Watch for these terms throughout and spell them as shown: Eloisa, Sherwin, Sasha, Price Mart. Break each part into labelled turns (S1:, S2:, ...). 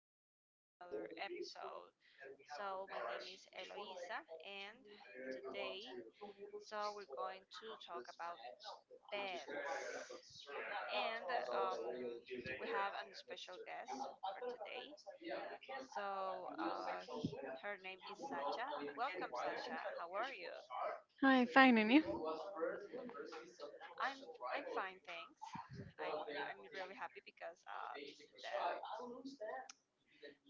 S1: welcome back to another episode. So, my name is Eloisa, and today, we're going to talk about pets. And um, we have a special guest for today. So, her name is Sasha. Welcome, Sasha. How are you?
S2: Hi, fine, and you?
S1: I'm I'm fine, thanks. I'm I'm really happy because this is the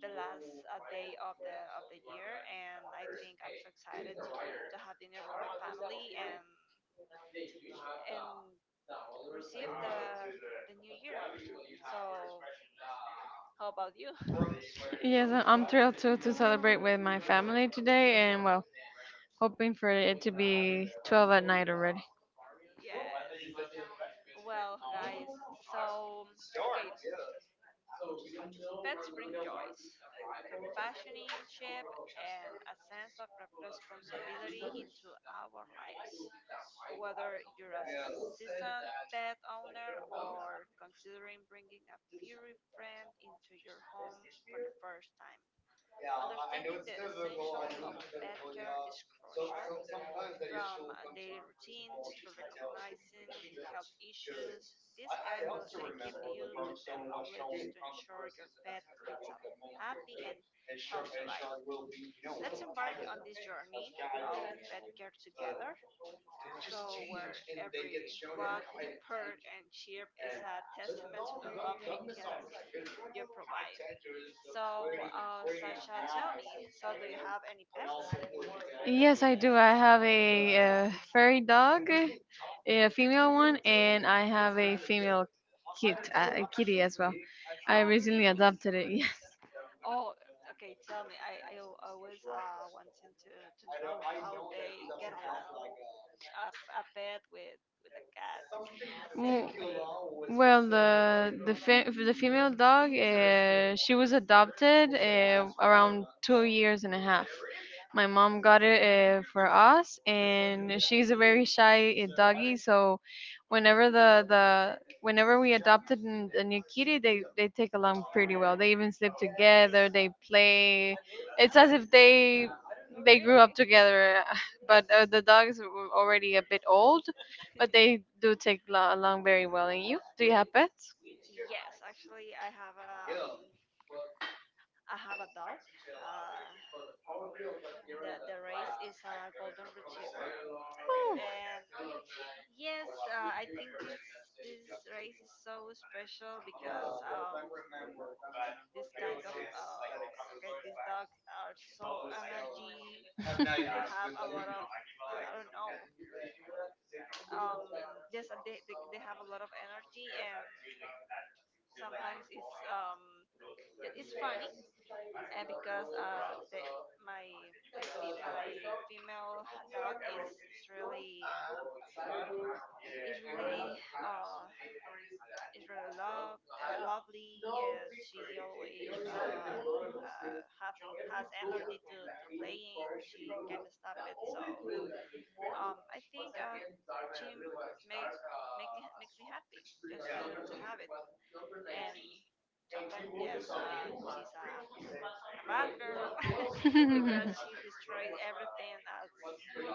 S1: the last day of the year, and I think I'm so excited to have dinner with my family and receive the new year. So how about you?
S2: Yes, I'm thrilled to celebrate with my family today and, well, hoping for it to be 12 at night already.
S1: Yes. Well, guys, so okay, pets bring joys, companionship, and a sense of responsibility into our lives, whether you're a seasoned pet owner or considering bringing a furry friend into your home for the first time. Understanding the essentials of pet care is crucial, from daily routines to recognizing health issues. This guide will equip you with the knowledge to ensure your pet leads a happy and healthy life. Let's embark on this journey of pet care together, where every walk, purr, and chirp is a testament to the love and care you provide. So, Sasha, tell me, so do you have any pets?
S2: Yes, I do. I have a, furry dog, a female one, and I have a female kitty as well. I
S1: Oh,
S2: recently
S1: really?
S2: adopted it.
S1: Oh, okay, tell me. I always wanting to know how they get along. A, a pet with a cat in the same
S2: W-
S1: place.
S2: the female dog, she was adopted around 2 years and a half. My
S1: Yeah,
S2: mom got it for us, and she's a very shy doggy. So, whenever the whenever we adopted a new kitty, they take along pretty well. They even sleep together. They play. It's as if they grew up
S1: really?
S2: together. But the dog is already a bit old, but they do take along very well. And you? Do you have pets?
S1: Yes, actually, I have a dog. Uh, the race is a golden retriever,
S2: Oh.
S1: and yes, I think this race is so special because this kind of okay these dogs are so energy, they have a lot of, I don't know, um yes, they have a lot of energy, and sometimes it's funny because my female dog is, it's really is really uh is really lovely. She always have has energy to playing. She can't stop it. So I think she make makes me happy just to have it. And. Sometimes yes, she's a bad girl, because she destroys everything as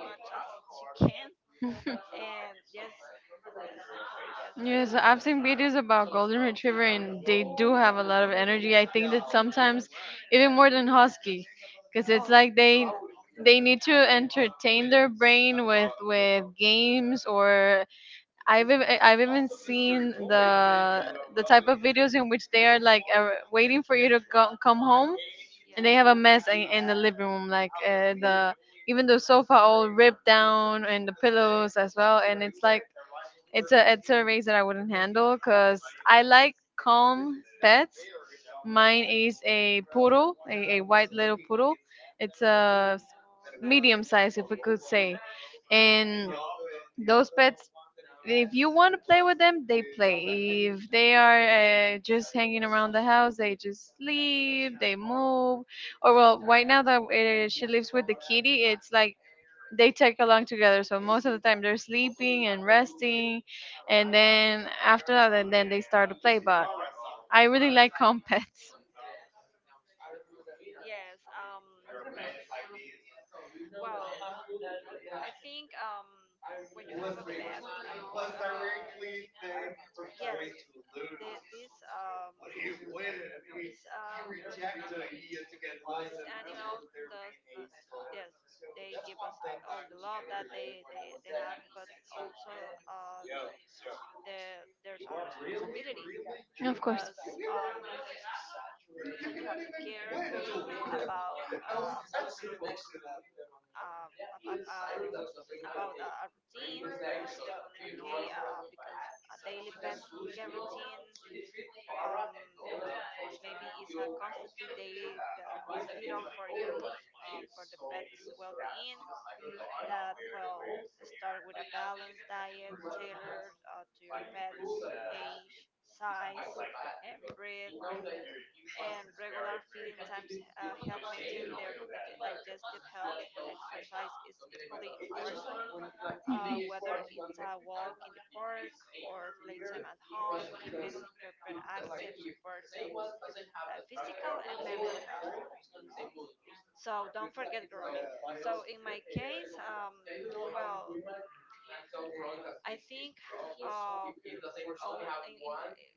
S1: much as she can. And yes, yes, actually yes, but
S2: Yes, I've
S1: yes,
S2: seen videos about golden retriever and they do have a lot of energy. I think that sometimes even more than husky because it's
S1: Oh,
S2: like they
S1: yes,
S2: they need to
S1: yes,
S2: entertain their brain with games. Or I've even seen the type of videos in which they are like waiting for you to go, come home, and they have
S1: yes,
S2: a mess in the living room, like the even the sofa all ripped down and the pillows as well, and it's like it's a race that I wouldn't handle because I like calm pets. Mine
S1: yes.
S2: is a poodle, a white little poodle. It's a
S1: Oh, that they're
S2: medium
S1: so
S2: size, if we
S1: sweet.
S2: could say, and.
S1: Yeah,
S2: Those pets, if you want to play with them, they play. If they are just hanging around the house, they just sleep, they move. Or, well, right now
S1: yeah,
S2: that she lives with the kitty, it's like they tag along together. So, most of the time they're sleeping and resting. And
S1: yeah,
S2: then after that, and then they start to play. But I really like calm pets.
S1: yes. Well, I think when you have a pet, I think yes, the, this um, this uh, this animal does not. Yes, they give us all the love that they have, but also uh, there's a responsibility,
S2: Of course.
S1: because um you have to care about uh, ab- uh, about a routine, and okay because a daily pet care routine, um, maybe is a constantly daily that is vital for your for the pet's well-being, that will start with a balanced diet tailored to your pet's age, size, and breed, and regular feeding times help maintain their digestive health. Exercise is equally important, whether it's a walk in the park or playtime at home. Keeping your pet active supports their physical and mental health. So don't forget grooming. So in my case, well, I think uh, all, in, in,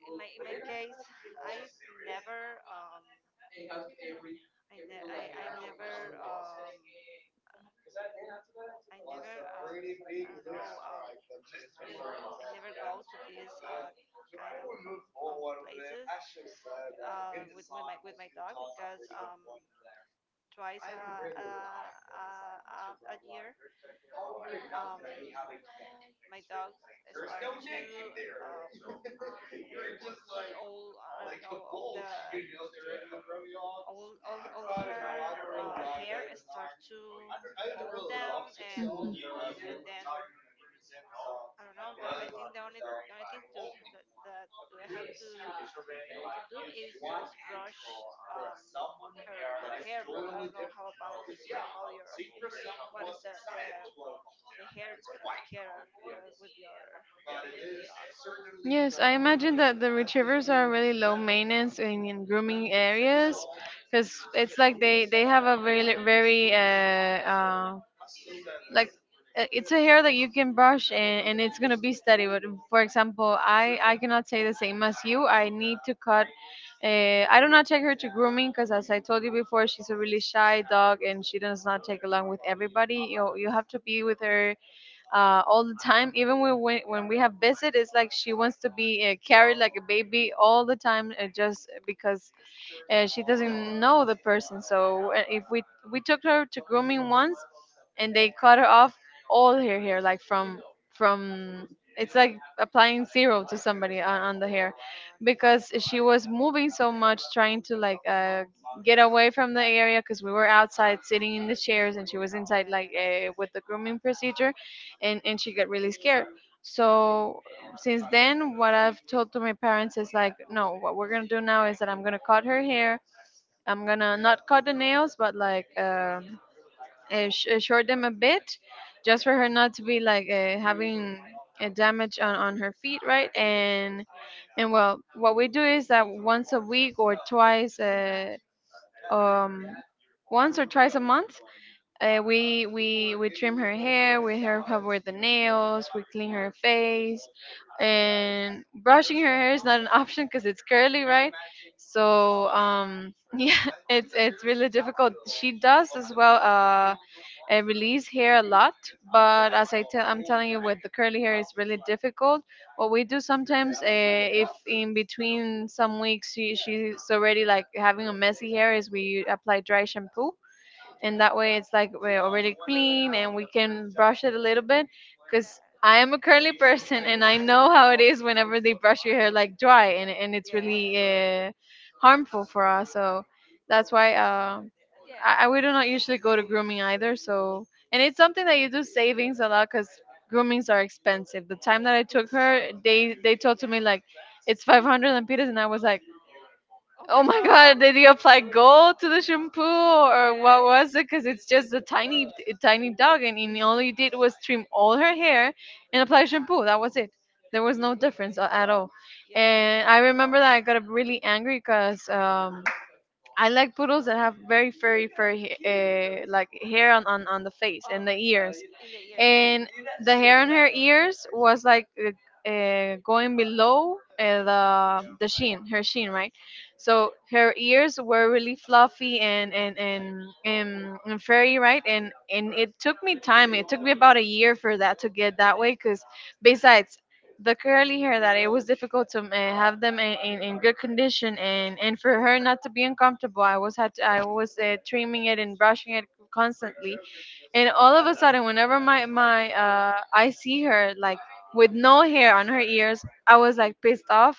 S1: in my case, I never I, ne- I never, I don't know, I never go to these kind of places with my dog because twice a, a, a, a year, um, my dogs start to uh, all I don't know all the all her hair start to fall down,
S2: Mhm.
S1: and then I don't know. I think the only thing to that I have to do is just brush her her hair. But I don't know how about your, what is the hair care with your dog.
S2: Yes, I imagine that the retrievers are really low maintenance in grooming areas because it's like they have a very like it's a hair that you can brush and it's gonna be steady. But for example, I cannot say the same as you. I need to cut. I do not take her to grooming because as I told you before, she's a really shy dog and she does not take along with everybody. You have to be with her all the time. Even when we have visit, it's like she wants to be carried like a baby all the time, just because she doesn't know the person. So if we we took her to grooming once, and they cut her off all her hair like from it's like applying zero to somebody on the
S1: Oh
S2: hair
S1: my god.
S2: because she was moving so much trying to like get away from the area because we were outside sitting in the chairs and she was inside like
S1: Yes.
S2: with the grooming procedure, and she got really scared. So since then, what I've told to my parents is like, no, what we're gonna do now is that I'm gonna cut her hair. I'm gonna not cut the nails, but like short them a bit, just for her not to be like having a damage on her feet, right? And
S1: Yes.
S2: well, what we do is that once a week or twice um once or twice a month, we we trim her hair, we help her with the nails, we clean her face.
S1: Yes.
S2: And brushing her hair is not an option because it's curly, right?
S1: Oh,
S2: So
S1: my god.
S2: yeah, it's really difficult. She does as well a release hair a lot, but as I'm telling you, with the curly hair it's really difficult. What we do sometimes, if in between some weeks she's already like having a messy hair, is we apply dry shampoo, and
S1: Yeah.
S2: that way it's like we're already clean and we can brush it a little bit,
S1: Yeah,
S2: because I am a curly person and I know how it is whenever they brush your hair like dry, and it's really
S1: yeah,
S2: uh, harmful for us. So that's why I
S1: yes.
S2: we do not usually go to grooming either. So and it's something that you do savings a lot because groomings are expensive. The time that I took
S1: It's so
S2: her, they
S1: expensive.
S2: told to me like
S1: Yes.
S2: it's 500 lempiras, and I was like,
S1: Oh
S2: oh
S1: my
S2: my
S1: god.
S2: god, did you apply gold to the shampoo or what
S1: Yes.
S2: was it? Because it's just a tiny dog, and, he all you did was trim all her hair and apply shampoo. That was it. There was no difference at all.
S1: Yes.
S2: And I remember that I got really angry because I like poodles that have very, very, very like hair on the face
S1: On
S2: and the
S1: her
S2: ears,
S1: face. In the ears.
S2: and the hair
S1: Yes.
S2: on her ears was like going below the sheen, her sheen, right? So her ears were really fluffy and and furry, right? And it took me time. It took me about a year for that to get that way, because besides the curly hair that it was difficult to have them in good condition, and, for her not to be uncomfortable, I was trimming it and brushing it constantly, and all of a sudden whenever my my I see her like with no hair on her ears, I was like pissed off.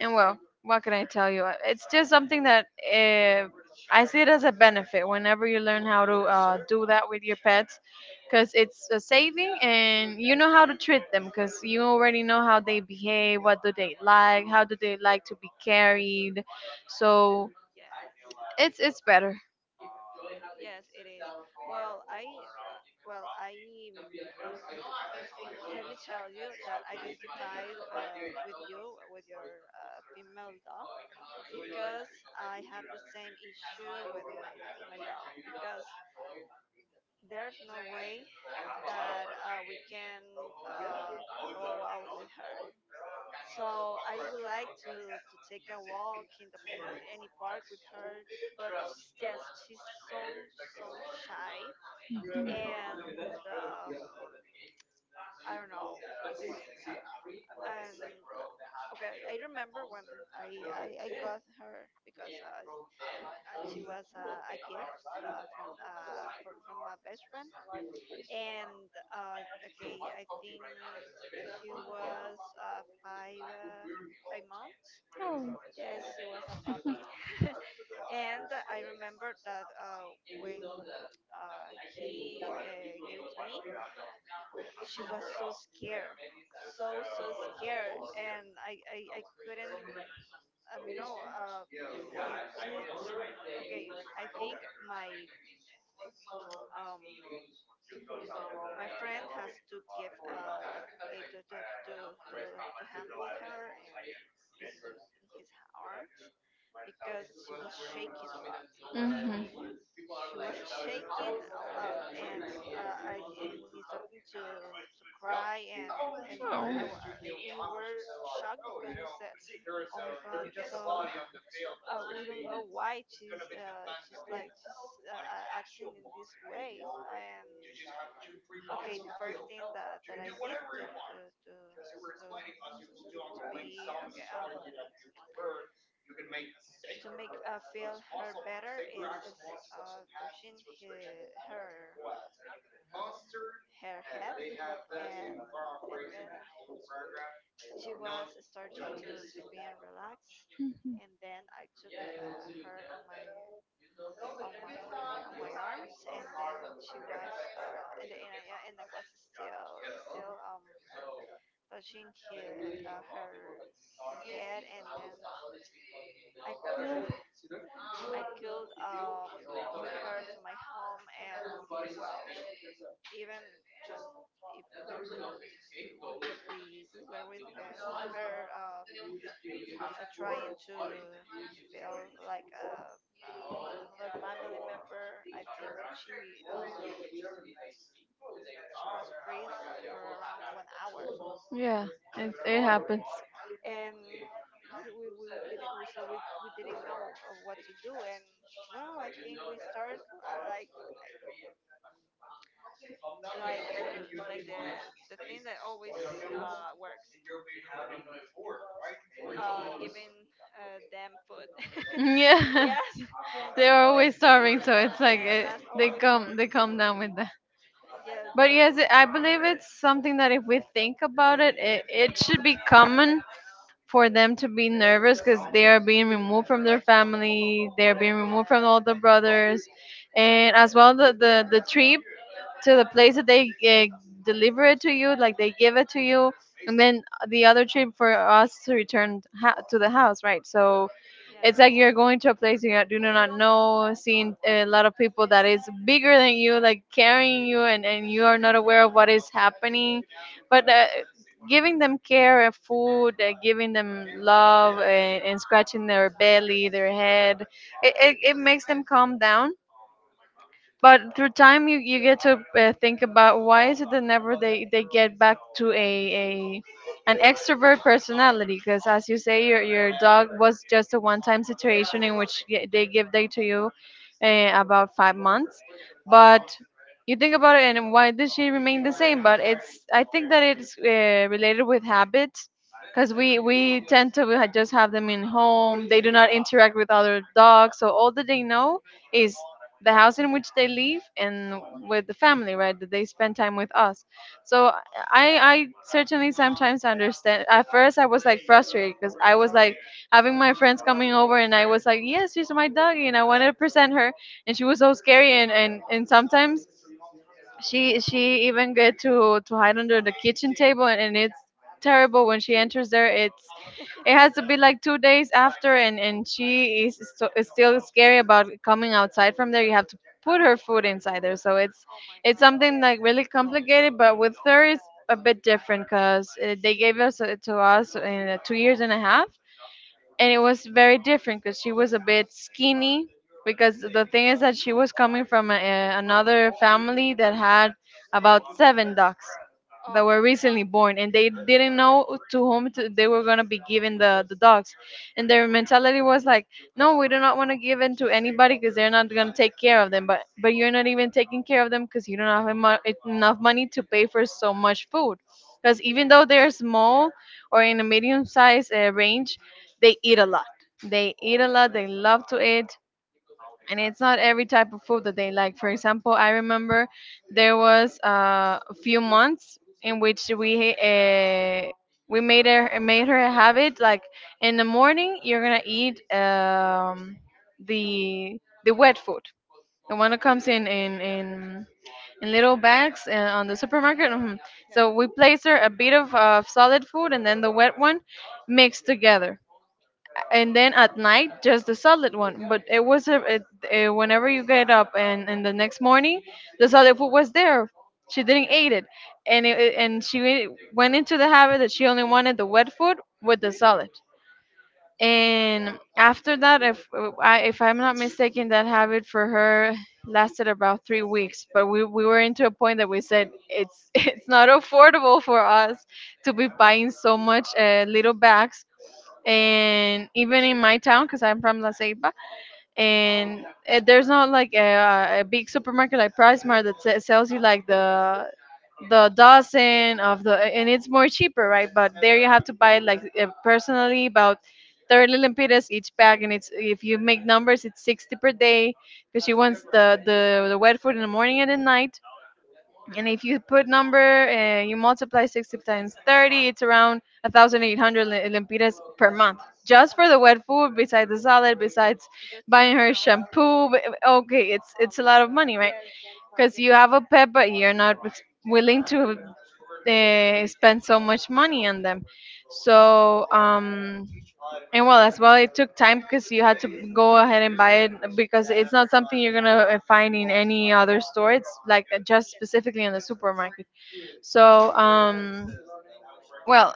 S2: And well, what can I tell you? It's just something that I see it as a benefit whenever you learn how to do that with your pets, because it's a saving and you know how to treat them because you already know how they behave, what do they like, how do they like to be carried. So
S1: Yes.
S2: it's better.
S1: Yes, it is. Well, I, uh, well, I um, let me tell you that identified with you, with your female dog, because I have the same issue with my dog because there's no way that we can uh, go out with her. So I would like to take a walk in, in any park with her, but it's just she's so, so shy
S2: Mhm.
S1: and I don't know. It's and okay, I remember when I got her because she was a gift from my best friend. And okay, I think she was 5 months.
S2: Oh.
S1: Yes, she was a puppy. And I remember that when he gave it to me, she was so scared, so so scared, and I couldn't, I don't know okay ju- just, okay, I think my um my friend has to give okay to to to, to handle her and in in his arms because she was shaking a lot,
S2: Mhm.
S1: she was shaking a lot, and I and he starting to cry, and and I wa- and we were shocked because we said, oh my god. So
S2: Oh.
S1: we don't know why she's, acting in this way. And okay, the first thing that, that I did to to to be okay, to make feel her better is touching he, her her head, and and then she was starting to being relaxed, and then I took her on my on my on my on my arms, and then she was and the, and I- and I was still still um touching her, uh, her her head, and then I could, I could come with her to my home, and well, even when if we we, we we were with her trying to feel like uh, another family member. I think she was freeze for around one hour
S2: Yeah,
S1: on
S2: it,
S1: the
S2: it
S1: floor,
S2: happens.
S1: and we didn't, we, so we didn't know what to do. And well, I think we started the thing that always works, giving them food.
S2: Yeah,
S1: Yes, giving them
S2: they're
S1: food.
S2: always starving, so it's like
S1: Yes,
S2: it,
S1: that's always work.
S2: they come down with that.
S1: Yeah,
S2: But
S1: just
S2: yes, it, I believe it's something that if we think about it, it, it should be common for them to be nervous because they are being removed from their family, they are being removed from all the
S1: yeah,
S2: brothers, and as well the trip to the place that they deliver it to you, like they give it to you, and then the other trip for us to return to the house, right? So it's like
S1: yes,
S2: you're going to a place you do not know, seeing a lot of people that is bigger than you, like carrying you, and you are not aware of what is happening. But giving them care and food, giving them love, and scratching their belly, their head, it makes them calm down. But through time you, you get to think about why is it that never they get back to a an extrovert personality, because as you say, your dog was just a one-time situation in which they give day to you about 5 months. But you think about it and why did she remain the same? But it's I think that it's related with habits, because we tend to just have them in home. They do not interact
S1: yes.
S2: with other dogs, so all that they know is the house in which they live, and with the family, right, that they spend time with us. So I certainly sometimes understand. At first I was like frustrated, because I was like having my friends coming over and I was like, yes, she's my doggy, and I wanted to present her, and she was so scary. And and, sometimes she even get to hide under the kitchen table, and it's terrible when she enters there. It's it has to be like 2 days after, and she is, so, is still scary about coming outside from there. You have to put her food inside there. So
S1: Oh my
S2: it's
S1: God.
S2: something
S1: Yes,
S2: like
S1: I
S2: really
S1: understand it.
S2: complicated. But with her
S1: Yeah.
S2: it's a bit different, because they gave us to us in 2 years and a half. And it was very different because she was a bit skinny, because the thing is that she was coming from another family that had about 7 ducks
S1: Oh
S2: that were
S1: my God.
S2: recently born, and they didn't know to whom to, they were going to be giving the dogs. And their mentality was like, no, we do not want to give in to anybody because they're not going to take care of them. But you're not even taking care of them because you don't have enough money to pay for so much food because even though
S1: Yeah,
S2: they're small or in a medium size range they eat a lot. They eat a lot. They love to eat, and it's not every type of food that they like. For example, I remember there was a few months in which we made her a habit like in the morning you're gonna eat the the wet food, the one that comes in little bags on the
S1: yeah,
S2: supermarket. Mhm.
S1: yeah.
S2: So we place her a bit of solid food and then the wet one mixed together, and then at night just the solid one. But it was a, it, eh, whenever you get up, and the next morning the solid food was there, she didn't eat it, and she went into the habit that she only wanted the wet food with the solid. And after that, if if I'm not mistaken, that habit for her lasted about 3 weeks, but we were into a point that we said it's it's not affordable for us to be buying so much little bags. And even in my town, because I'm from la ceiba, and
S1: Oh,
S2: there's not like a big supermarket like price mart that sells you like
S1: the
S2: the dozen of the, and it's more cheaper, right? But there you have to buy like personally about 30 lempiras each bag, and it's, if you make numbers, it's 60 per day because she wants the wet food in the morning and at night. And if you put number and you multiply 60 times 30, it's around 1800 lempiras per month just
S1: oh
S2: for
S1: my
S2: the
S1: God.
S2: wet food, besides the salad, besides
S1: Just for a
S2: buying her
S1: pound.
S2: shampoo, b- okay,
S1: Oh
S2: it's a
S1: my
S2: lot of
S1: God.
S2: money, right? Because you have a pet, but you're not willing to spend so much money on them. So,
S1: Yes,
S2: and well, as well, it took time because you had to go ahead and buy it because it's not something you're gonna find in any other store. It's like just specifically in the supermarket. So, well,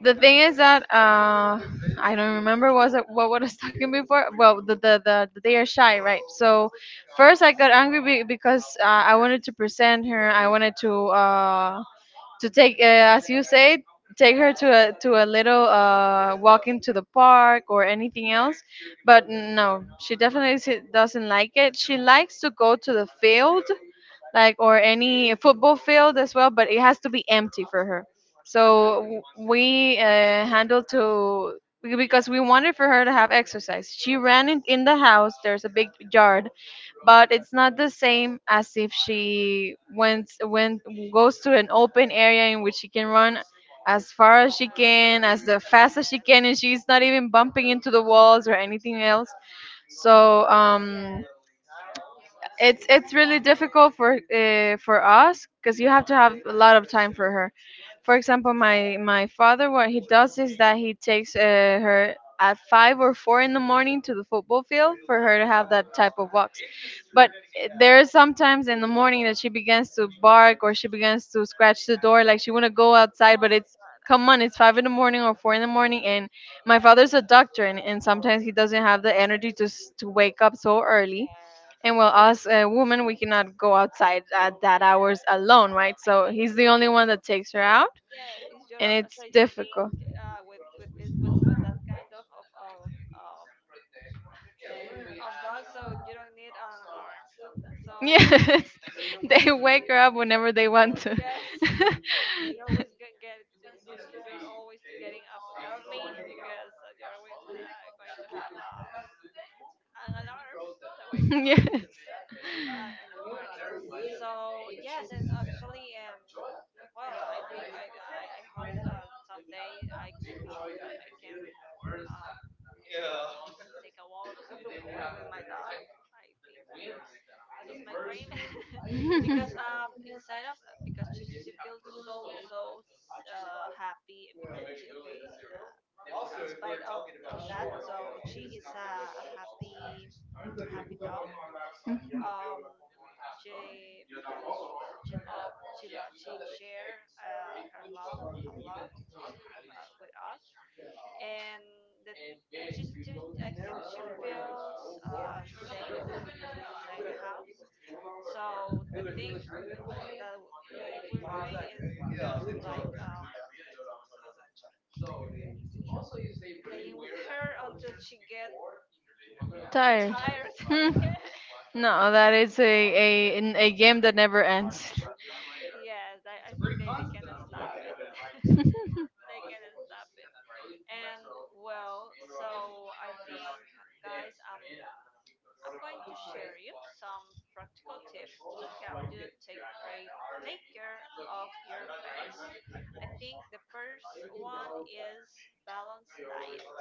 S2: the thing is that I don't remember was it what I was talking before. Well, the they are shy, right? So first I got angry because I wanted to present her. I wanted to take, as you say, take her
S1: yes,
S2: to a little walk into the park or anything else. But no, she definitely doesn't like it. She likes to go to the field like, or any football field as well, but it has to be empty for her. So we handled to because we wanted for her to have exercise, she ran in,
S1: yes.
S2: in the house. There's a big yard, but it's not the same as if she went went goes to an open area in which she can run as far as she
S1: And
S2: can, as
S1: then
S2: the fast as she
S1: yes,
S2: can, and she's not even bumping into the walls or anything else. So
S1: yes.
S2: it's really difficult for for us, because you have to have a lot of time for her. For example, my father, what he does is that he takes her at 5 or 4 in the morning to the football field for her to have
S1: Oh my
S2: that type of
S1: God.
S2: walks. But there is
S1: Oh,
S2: sometimes in the morning that she begins to bark or she begins to scratch the door, like she wanna go outside.
S1: oh
S2: But
S1: my
S2: it's, come
S1: God.
S2: on, it's five in the morning or four in the
S1: I
S2: morning,
S1: think
S2: and my
S1: yes,
S2: father's a doctor, and sometimes he doesn't have the energy to to wake up so early.
S1: yes,
S2: And well, us women, we cannot go outside at that hours
S1: yes.
S2: alone, right?
S1: I
S2: So
S1: think
S2: he's the
S1: is
S2: only one that takes her out,
S1: yeah is your
S2: and it's
S1: so I think
S2: difficult.
S1: with this with that kind um of dog, so you don't need an alarm. So I think
S2: Yes, they wake
S1: during
S2: her up
S1: the- the-
S2: whenever they want to.
S1: yes, you always you're always getting up early because you're always going to have an alarm that wake
S2: Yes.
S1: in the morning. So yes, and actually, well, I think I hope someday I, I can, um, take a walk with my dog. I think it's my dream. Because inside of because she feels so, so happy, because she, despite of that, so she is a happy happy dog. um she She loved, she loved, she shared her love a lot with us, and that, and she, I think she feels safe inside the house. So the thing that we were doing is just like playing with her until she gets
S2: Tired.
S1: tired.
S2: Hmm. No, that is a game that never ends.
S1: Yes, I think they cannot stop it. They cannot stop it. And well, so I think, guys, I'm going to share you some practical tips to help you take care of your pets. I think the first one is balanced diet.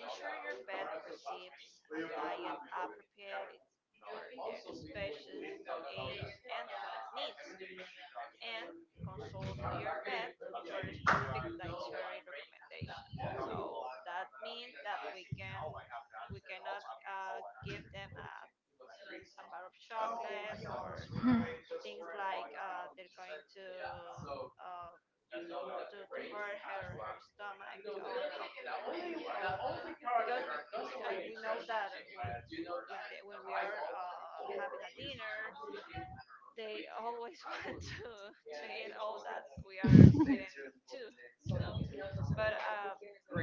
S1: Ensure your pet receives a diet appropriate for their species, age, and health needs, and consult your vet for a specific dietary recommendation. So that means that we cannot give them a bar of chocolate or
S2: Hmm.
S1: things like they're going to uh, hurt her stomach or or because we know that when we are having a dinner they always want to eat all that we are eating too, you know but uh,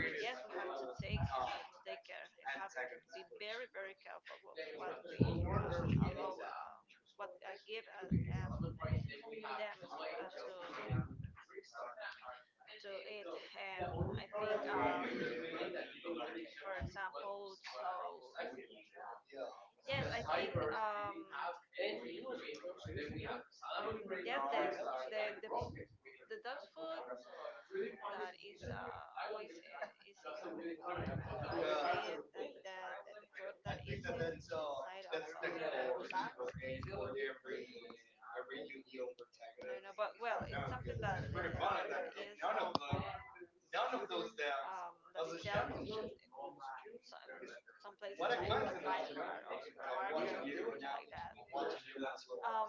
S1: but yes, we have to take care and have to be very careful with what we allow, what give them to eat. And I think, for example, so yes, I think yes, the the dog's food that is always is in, how to say it, that the food that is in inside of the bag, I don't know, but well, it's something that that is that it's sell in some some places like Price Mart or supermarket, things like that. Um,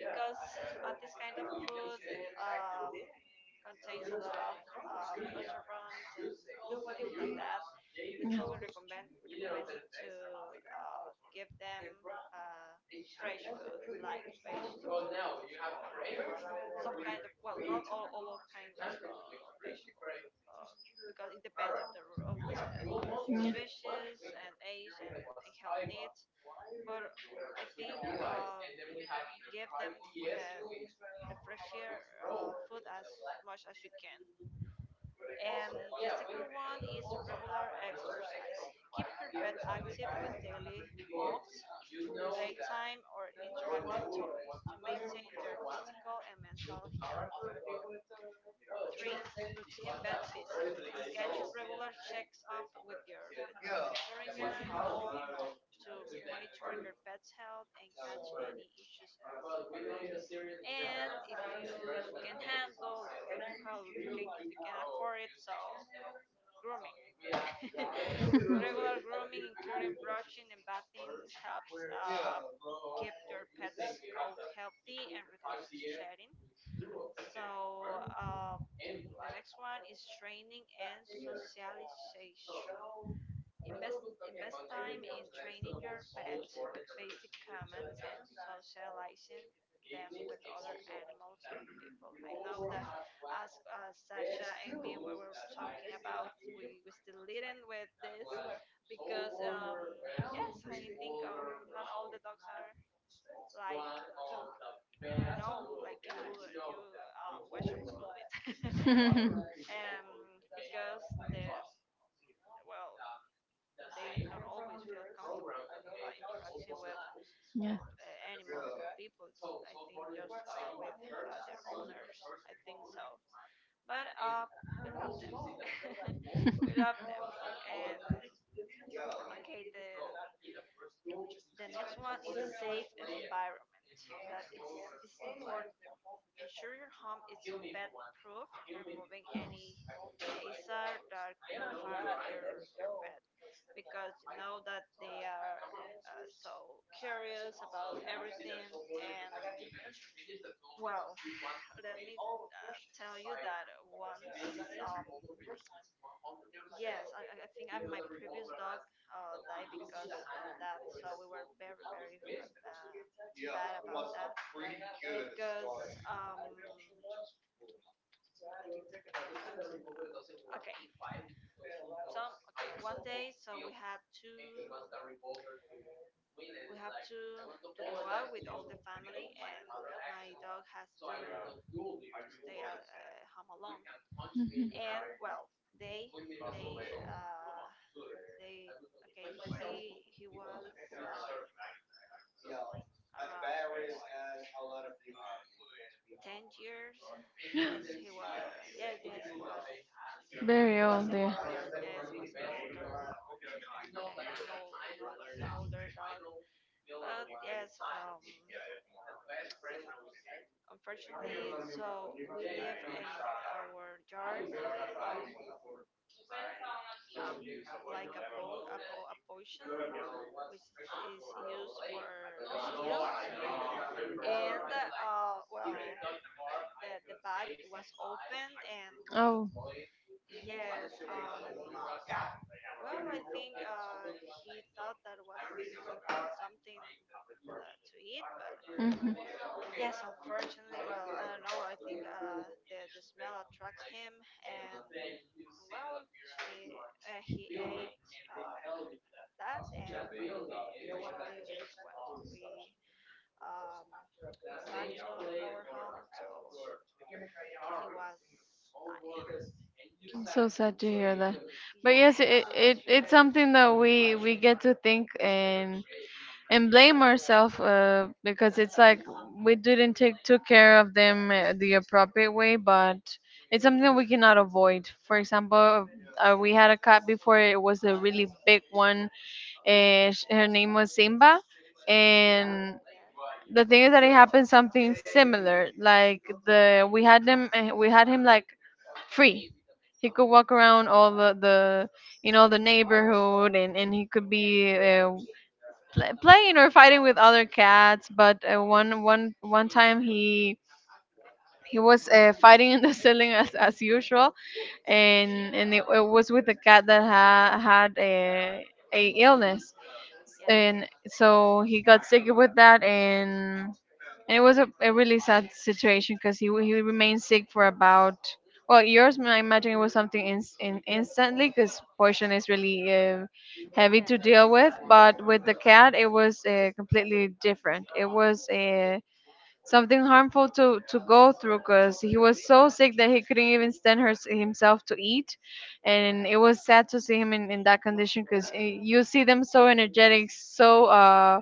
S1: because This kind of food um, contains a lot of restaurants and things like that. It's
S2: Yeah.
S1: always recommended to give them uh, fresh food like vegetables, or some kind of, well, not all, all of kind of vegetables, uh, because it depends of the species and age and health needs. But I think, give them the the fresh air food as much as you can. And the second one is regular exercise, keep your pet active with daily walks, playtime or interactive toys to maintain their physical and mental health. 3. Routine vet visits. Schedule regular checks-up with your veterinarian to monitor your pet's health and catch any issues early. And if you can handle or you how if you can afford it, so grooming. Regular grooming, including brushing and bathing, helps keep your pet's coat healthy and reduce shedding. So. The next one is training and socialization. Invest invest time in training your pet with basic commands and socializing them with other animals and people. I know that, as Sasha and me, we were talking about, we still leading with this because, yes, I think, not all the dogs are like, I don't know, like you watch on the movies, um, because the well they not always feel comfortable interacting with
S2: Yeah. yeah.
S1: animals or people. I think just with their owners, I think so, but we love them. We love them. And okay, the next one is safe environment, that it's, this is important. Ensure your home is pet proof, removing any hazard that could harm your pet, because you know that they are so curious about everything. And well, let me tell you that once, yes, my previous dog died because of that. So we were very bad about that because, um, okay some okay one day, so we had to we have to go out with all the family, and my dog has to stay home alone.
S2: Mhm.
S1: And well, they they uh they okay, he was, um around 10 years, yes he was, yes yes he was,
S2: Very
S1: he was
S2: old,
S1: an
S2: yeah.
S1: older, yes he was an older, an older dog. But yes, unfortunately, so we live in our yard, um, a, like a, po- a, po- a potion which is used for mosquitoes. And well, the bag was open, and
S2: Oh.
S1: yes, well, I think he thought that was something to eat. But
S2: Hmm.
S1: yes, unfortunately, well, I don't know, I think the smell attracts him. and And well, she he ate that, and unfortunately, well, we um, come back to our home, so he was dying.
S2: I'm so sad to hear that. But yes,
S1: Yes,
S2: it,
S1: it
S2: it
S1: was really
S2: it's something
S1: rare.
S2: that we get to think and blame ourselves because it's like we didn't take took care of them the appropriate way, but it's something that we cannot avoid. For example, we had
S1: Yeah,
S2: a cat before. It was a really big one, and her name was Simba. And
S1: yeah,
S2: the thing is that it happened something similar. Like the we had them, we had him like free. He could walk around all the you know the neighborhood, and he could be playing or fighting with other cats. But one time he he was fighting in the ceiling, as usual, and it was with a cat that had a illness.
S1: yeah,
S2: And so he got sick with that, and it was a really sad situation because he remained sick for about, well, yours I imagine it was something in, instantly, because poison is really heavy
S1: yeah.
S2: to deal with. But with the cat, it was completely different. It was something harmful to go through, because he was so sick that he couldn't even stand himself to eat. And
S1: Yes.
S2: it was sad to see him in that condition, because you see them so energetic, so. Uh,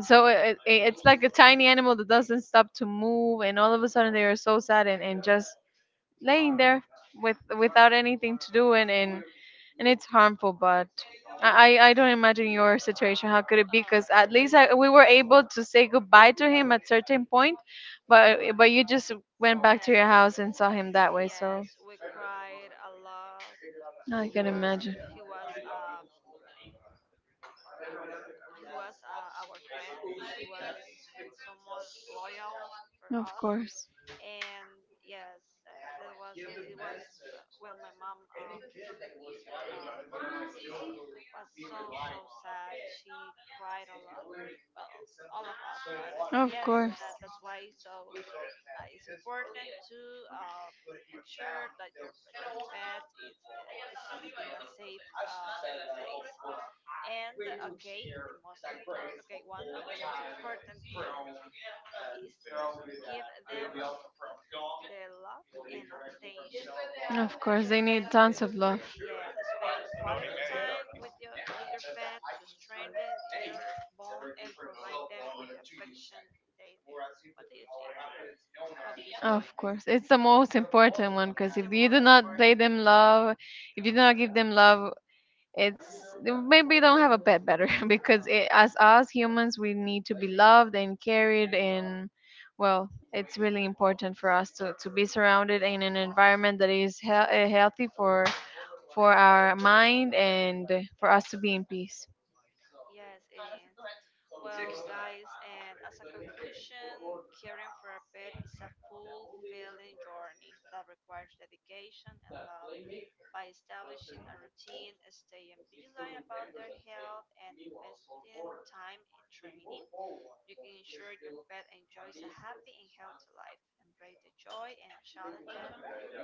S2: so it, it, it's like a tiny animal that doesn't stop to move, and all of a sudden they are so sad, and just laying there with without anything to do, and it's harmful. But I don't imagine your situation. How could it be?
S1: Oh
S2: Because
S1: no,
S2: at
S1: it
S2: least I,
S1: was
S2: we were able to say goodbye to him at certain point, but you just went back to your
S1: yes,
S2: house and saw him that way.
S1: yes.
S2: So
S1: We cried a lot
S2: I can
S1: because
S2: imagine.
S1: he was uh he was our friend. He was someone loyal for
S2: Of
S1: us.
S2: course,
S1: And yes, that was it was, well, my mom, um, was so sad. She cried a lot. Well, all of us. But
S2: of
S1: yes,
S2: course.
S1: that that's why. So it's important to uh, make sure that your pet is in a safe place. And okay, the most important. Okay, one of the most important thing is give them their love and attention.
S2: Of course, they
S1: spend
S2: need tons of love.
S1: yeah Spend quality time with your pet to strengthen your bond and provide them with the affection they need. What do you think about this point?
S2: Of course, it's the most important one because
S1: It's the
S2: if you do
S1: most
S2: not play
S1: important.
S2: them love, if you do not give them love, it's maybe don't have a pet better because it, as us humans, we need to be loved and carried, and well, it's really important for us to be surrounded in an environment that is healthy for our mind and for us to be in peace.
S1: Yes, it is. Well, guys, and as a conclusion, caring for a pet is a fulfilling journey that requires dedication and love. By establishing a routine, staying vigilant about their health, and investing time in training, you can ensure your pet enjoys a happy and healthy life. Embrace the joy and challenges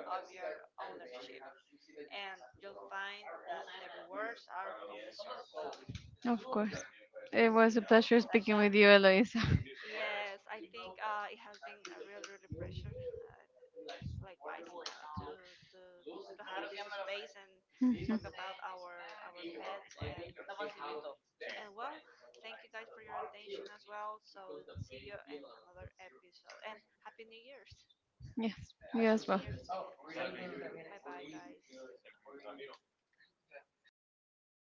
S1: of your ownership, and you'll find that the rewards are unmeasurable.
S2: Of course.
S1: What do you
S2: It was
S1: think,
S2: a pleasure speaking
S1: Sasha?
S2: with you, Eloisa.
S1: Yes, I think, it has been a really pleasure. Uh, Likewise, to to have this space and
S2: Mhm.
S1: talk about our pets. And well, thank you guys for your attention as well. So see you in another episode, and happy New Year's.
S2: Yes, you
S1: Happy
S2: as
S1: New
S2: well.
S1: Year's. Okay, bye bye, guys.